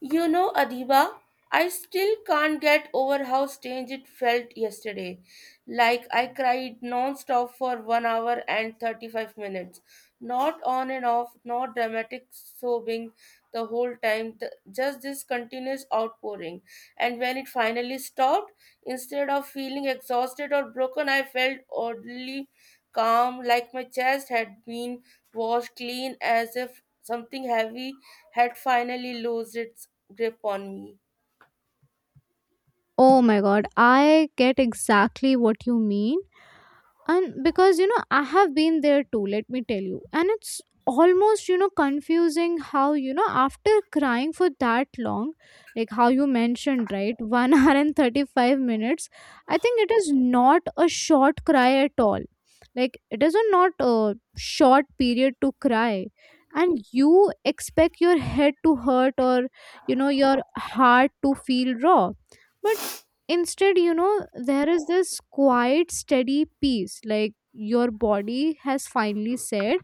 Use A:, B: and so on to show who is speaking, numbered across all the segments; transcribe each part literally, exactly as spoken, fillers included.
A: You know, Adiba, I still can't get over how strange it felt yesterday. Like I cried non-stop for one hour and thirty-five minutes. Not on and off, not dramatic sobbing the whole time, th- just this continuous outpouring. And when it finally stopped, instead of feeling exhausted or broken, I felt oddly calm, like my chest had been washed clean as if something heavy had finally loosed its grip on me.
B: Oh my god, I get exactly what you mean. And because you know, I have been there too, let me tell you. And it's almost you know confusing how you know after crying for that long, like how you mentioned, right, one hour and thirty-five minutes. I think it is not a short cry at all, like it is a not a short period to cry. And you expect your head to hurt or you know your heart to feel raw, but instead, you know there is this quiet steady peace, like your body has finally said,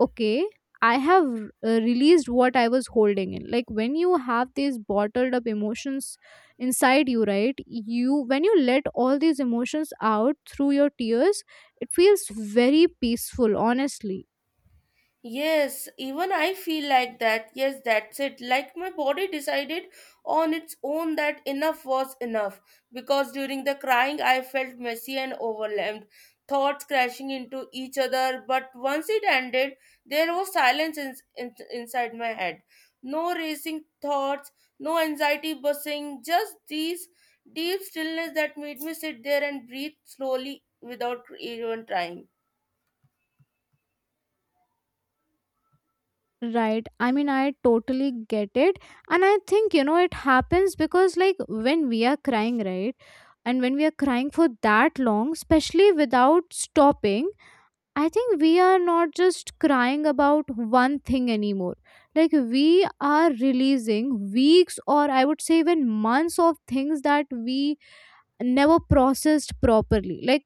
B: okay, I have uh, released what I was holding in. Like when you have these bottled up emotions inside you, right, you, when you let all these emotions out through your tears, it feels very peaceful, honestly.
A: Yes, even I feel like that. Yes, that's it. Like my body decided on its own that enough was enough because during the crying I felt messy and overwhelmed, thoughts crashing into each other. But once it ended, there was silence in, in- inside my head. No racing thoughts, no anxiety buzzing, just these deep stillness that made me sit there and breathe slowly without even trying.
B: Right. I mean, I totally get it. And I think, you know, it happens because, like, when we are crying, right? And when we are crying for that long, especially without stopping, I think we are not just crying about one thing anymore. Like, we are releasing weeks or I would say even months of things that we never processed properly. Like,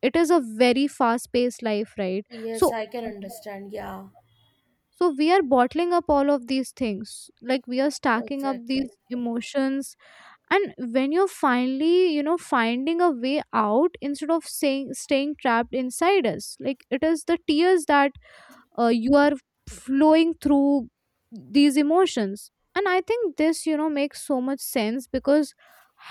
B: it is a very fast paced life, right?
A: Yes,
B: So,
A: I can understand. Yeah.
B: so we are bottling up all of these things, like we are stacking up
A: Exactly.
B: these emotions. And when you're finally you know finding a way out instead of saying staying trapped inside us, like it is the tears that uh, you are flowing through these emotions. And I think this, you know makes so much sense because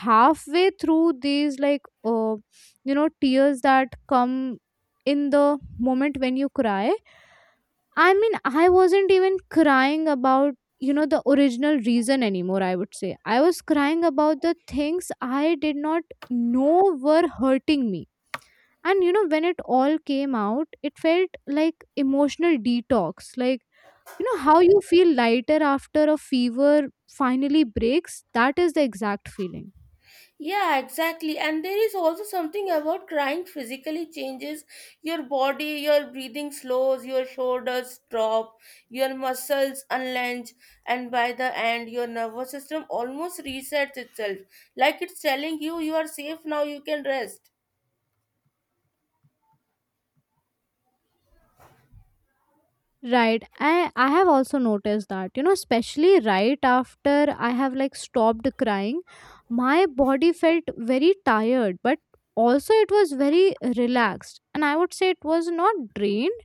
B: halfway through these, like, uh, you know tears that come in the moment when you cry, I mean, I wasn't even crying about, you know, the original reason anymore, I would say. I was crying about the things I did not know were hurting me. And, you know, when it all came out, it felt like emotional detox. Like, you know, how you feel lighter after a fever finally breaks, that is the exact feeling.
A: Yeah, exactly. And there is also something about crying physically changes your body, your breathing slows, your shoulders drop, your muscles unlench, and by the end, your nervous system almost resets itself. Like it's telling you, you are safe now, you can rest.
B: Right. I I have also noticed that, you know, especially right after I have like stopped crying, my body felt very tired, but also it was very relaxed. And I would say it was not drained,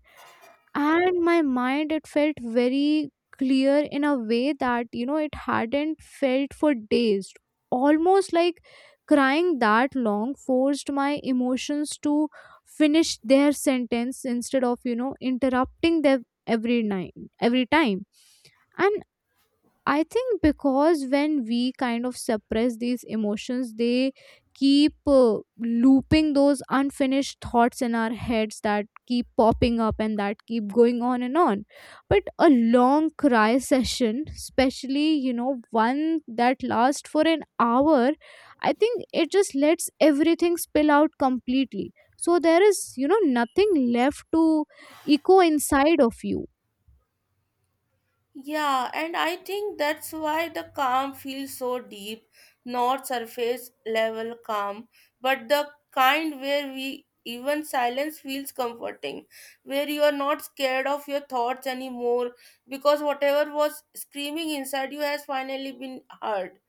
B: and my mind, it felt very clear in a way that you know it hadn't felt for days. Almost like crying that long forced my emotions to finish their sentence instead of you know interrupting them every night, every time. And I think because when we kind of suppress these emotions, they keep uh, looping those unfinished thoughts in our heads that keep popping up and that keep going on and on. But a long cry session, especially, you know, one that lasts for an hour, I think it just lets everything spill out completely. So there is, you know, nothing left to echo inside of you.
A: Yeah, and I think that's why the calm feels so deep, not surface level calm, but the kind where we even silence feels comforting, where you are not scared of your thoughts anymore because whatever was screaming inside you has finally been heard.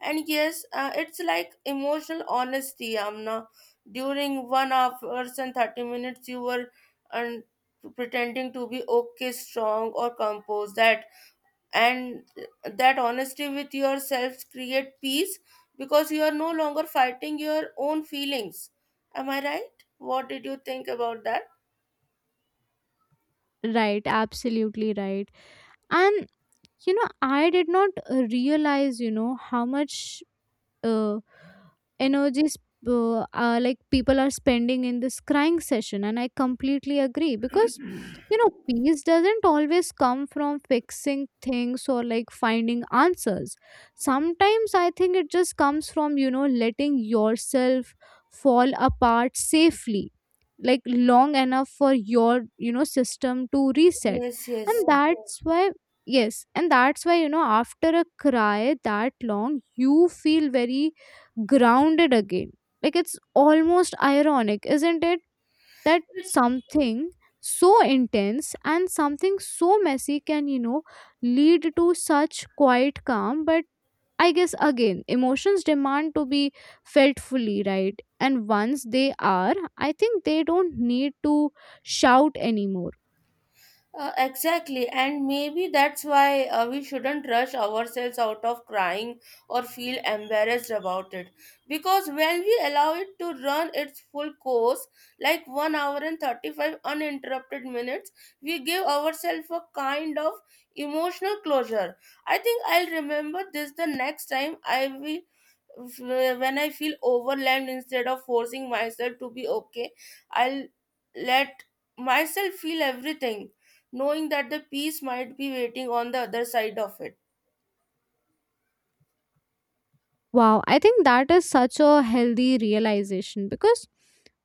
A: And yes, uh, it's like emotional honesty, Amna. During one hours and thirty minutes, you were and pretending to be okay, strong, or composed. That and that honesty with yourself create peace because you are no longer fighting your own feelings. Am I right? What did you think about that?
B: Right, absolutely right. And you know I did not uh, realize you know how much uh, energy sp- uh, uh, like people are spending in this crying session. And I completely agree because, you know peace doesn't always come from fixing things or like finding answers. Sometimes I think it just comes from, you know letting yourself fall apart safely, like long enough for your, you know system to reset.
A: Yes, yes.
B: And that's why Yes, and that's why, you know after a cry that long, you feel very grounded again. Like it's almost ironic, isn't it? That something so intense and something so messy can, you know, lead to such quiet calm. But I guess again, emotions demand to be felt fully, right? And once they are, I think they don't need to shout anymore.
A: Uh, exactly, and maybe that's why uh, we shouldn't rush ourselves out of crying or feel embarrassed about it. Because when we allow it to run its full course, like one hour and thirty-five uninterrupted minutes, we give ourselves a kind of emotional closure. I think I'll remember this the next time I will when I feel overwhelmed, instead of forcing myself to be okay, I'll let myself feel everything, knowing that the peace might be waiting on the other side of it.
B: Wow, I think that is such a healthy realization because,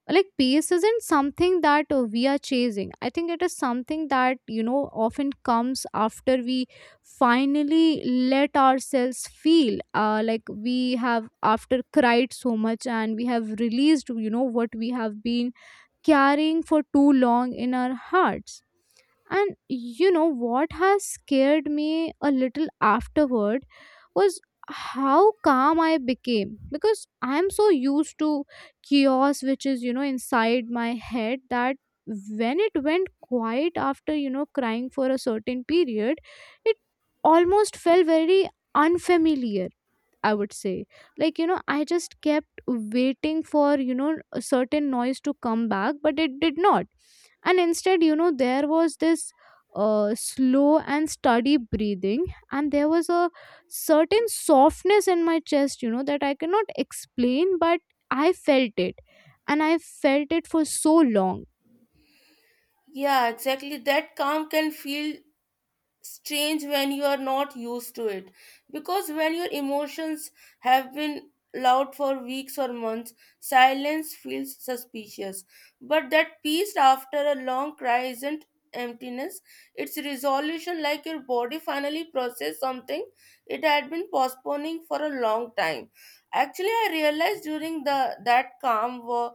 B: like, peace isn't something that uh, we are chasing. I think it is something that, you know often comes after we finally let ourselves feel, uh, like we have after cried so much and we have released, you know what we have been carrying for too long in our hearts. And you know what has scared me a little afterward was how calm I became, because I'm so used to chaos, which is, you know inside my head, that when it went quiet after, you know crying for a certain period, it almost felt very unfamiliar, I would say. Like, you know, I just kept waiting for, you know, a certain noise to come back, but it did not. And instead, you know, there was this uh, slow and steady breathing, and there was a certain softness in my chest, you know, that I cannot explain, but I felt it. And I felt it for so long.
A: Yeah, exactly. That calm can feel strange when you are not used to it because when your emotions have been loud for weeks or months, silence feels suspicious, but that peace after a long cry isn't emptiness, it's resolution, like your body finally processed something it had been postponing for a long time. Actually, I realized during the that calm war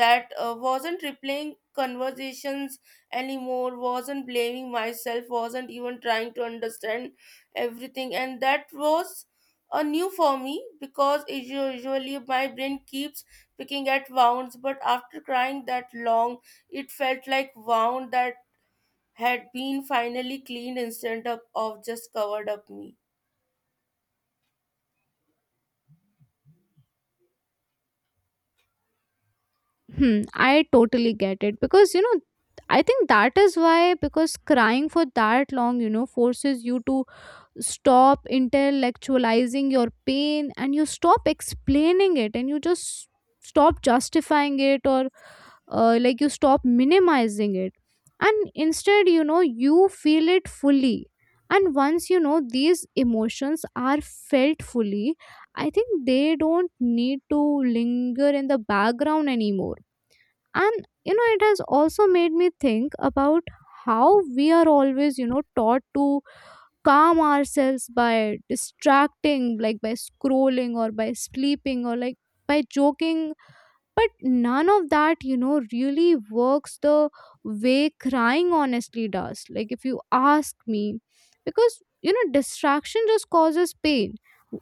A: that uh, wasn't replaying conversations anymore, wasn't blaming myself, wasn't even trying to understand everything. And that was a new for me because it usually my brain keeps picking at wounds, but after crying that long, it felt like wound that had been finally cleaned instead of, of just covered up me.
B: Hmm, I totally get it because, you know, I think that is why, because crying for that long, you know, forces you to stop intellectualizing your pain, and you stop explaining it, and you just stop justifying it, or uh, like you stop minimizing it. And instead, you know you feel it fully. And once, you know these emotions are felt fully, I think they don't need to linger in the background anymore. And you know it has also made me think about how we are always, you know taught to calm ourselves by distracting, like by scrolling or by sleeping or like by joking. But none of that, you know, really works the way crying honestly does. Like, if you ask me, because, you know, distraction just causes pain.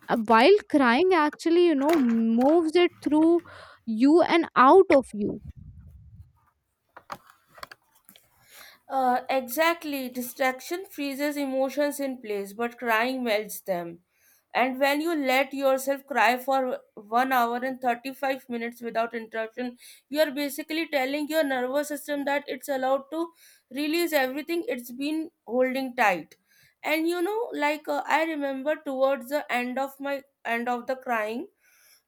B: Uh, While crying actually, you know, moves it through you and out of you.
A: Uh, exactly. Distraction freezes emotions in place, but crying melts them. And when you let yourself cry for one hour and thirty-five minutes without interruption, you are basically telling your nervous system that it's allowed to release everything it's been holding tight. And you know, like uh, I remember towards the end of my end of the crying,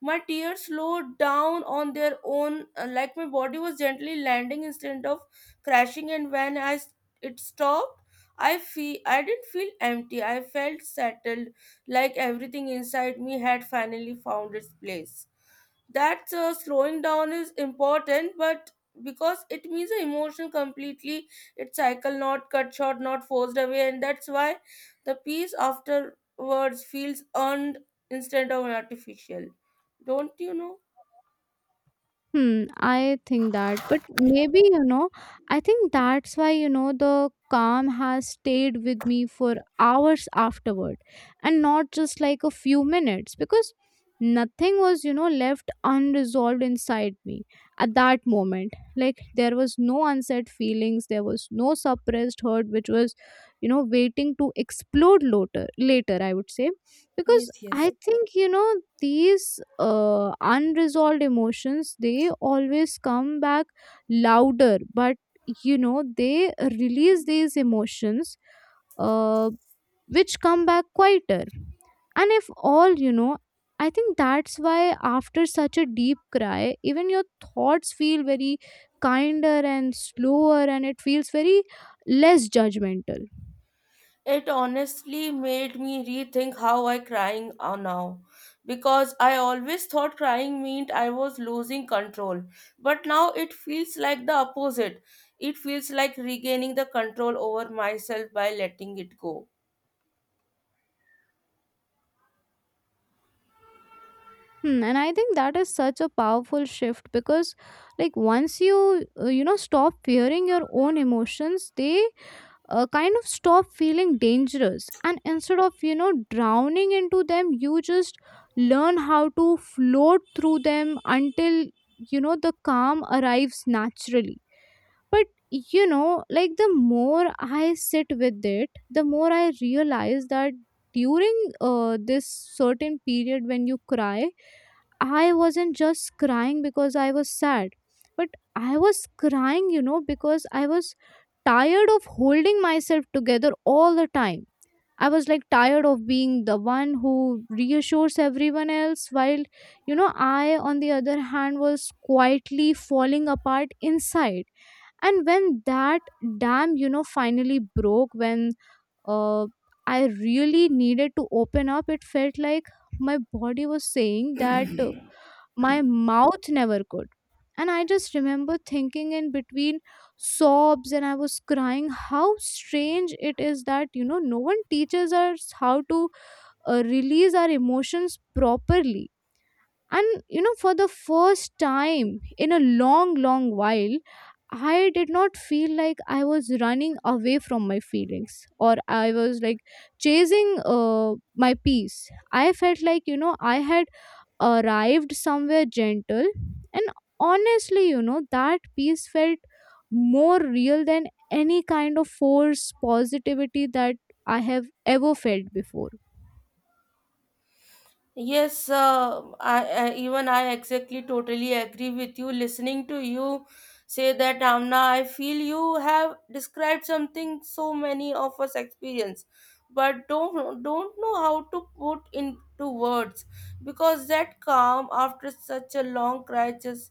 A: my tears slowed down on their own, uh, like my body was gently landing instead of crashing. And when I s- it stopped, I feel I didn't feel empty. I felt settled, like everything inside me had finally found its place. That's uh, slowing down is important but because it means the emotion completely its cycle, not cut short, not forced away, and that's why the peace afterwards feels earned instead of artificial. Don't you know?
B: Hmm, I think that, but maybe, you know, I think that's why, you know, the calm has stayed with me for hours afterward and not just like a few minutes, because nothing was, you know, left unresolved inside me at that moment. Like there was no unsaid feelings, there was no suppressed hurt which was, you know, waiting to explode later, later, I would say, because
A: Yes, yes.
B: I think you know these uh, unresolved emotions, they always come back louder, but you know they release these emotions, uh, which come back quieter. And if all, you know I think that's why after such a deep cry, even your thoughts feel very kinder and slower, and it feels very less judgmental.
A: It honestly made me rethink how I crying are now because I always thought crying meant I was losing control, but now it feels like the opposite. It feels like regaining the control over myself by letting it go.
B: Hmm, and I think that is such a powerful shift because, like, once you, uh, you know, stop fearing your own emotions, they uh, kind of stop feeling dangerous. And instead of, you know, drowning into them, you just learn how to float through them until, you know, the calm arrives naturally. But, you know, like, the more I sit with it, the more I realize that during uh, this certain period when you cry, I wasn't just crying because I was sad, but I was crying, you know, because I was tired of holding myself together all the time. I was like tired of being the one who reassures everyone else, while, you know, I, on the other hand, was quietly falling apart inside. And when that dam, you know, finally broke, when uh, I really needed to open up. It felt like my body was saying that uh, my mouth never could. And I just remember thinking in between sobs, and I was crying, how strange it is that, you know, no one teaches us how to uh, release our emotions properly. And you know for the first time in a long long while, I did not feel like I was running away from my feelings, or I was like chasing uh, my peace. I felt like, you know I had arrived somewhere gentle. And honestly, you know that peace felt more real than any kind of force positivity that I have ever felt before.
A: Yes, uh, I, I even I exactly totally agree with you. Listening to you say that, Amna, I feel you have described something so many of us experience, but don't don't know how to put into words because that calm after such a long crisis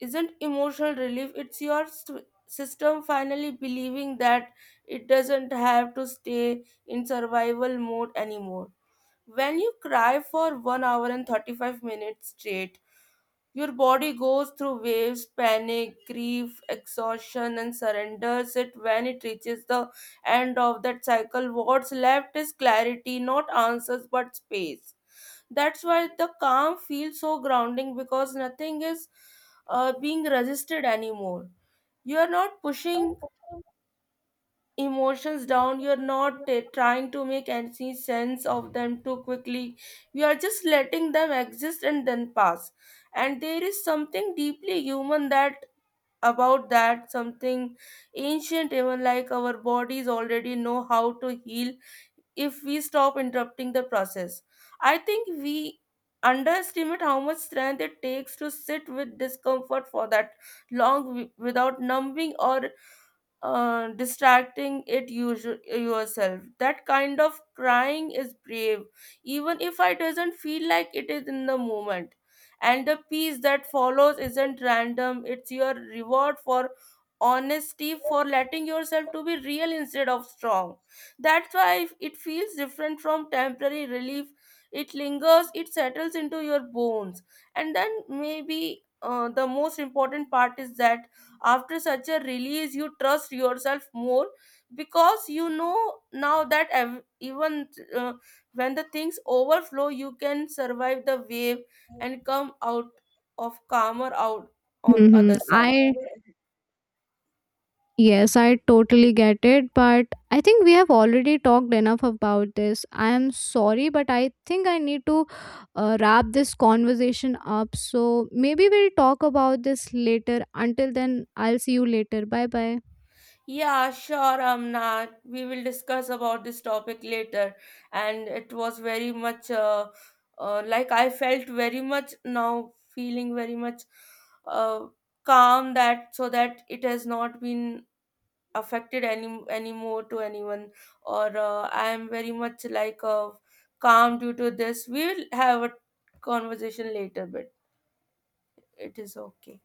A: isn't emotional relief. It's your st- system finally believing that it doesn't have to stay in survival mode anymore. When you cry for one hour and thirty-five minutes straight, your body goes through waves, panic, grief, exhaustion, and surrenders it when it reaches the end of that cycle. What's left is clarity, not answers, but space. That's why the calm feels so grounding because nothing is uh, being resisted anymore. You are not pushing emotions down, you're not t- trying to make any sense of them too quickly, you are just letting them exist and then pass. And there is something deeply human that about that, something ancient even, like our bodies already know how to heal if we stop interrupting the process. I think we underestimate how much strength it takes to sit with discomfort for that long wi- without numbing or uh, distracting it usu- yourself. That kind of crying is brave even if I doesn't feel like it is in the moment, and the peace that follows isn't random, it's your reward for honesty, for letting yourself to be real instead of strong. That's why it feels different from temporary relief. It lingers, it settles into your bones. And then maybe uh, the most important part is that after such a release you trust yourself more because you know now that ev- even uh, when the things overflow you can survive the wave and come out of calmer out on
B: Hmm
A: other side.
B: I Yes, I totally get it, but I think we have already talked enough about this. I am sorry, but I think I need to uh, wrap this conversation up. So maybe we'll talk about this later. Until then, I'll see you later. Bye bye.
A: Yeah, sure, Amna, we will discuss about this topic later, and it was very much uh, uh, like I felt very much now feeling very much uh, calm that so that it has not been affected any anymore to anyone or uh, I am very much like uh, calm due to this. We will have a conversation later, but it is okay.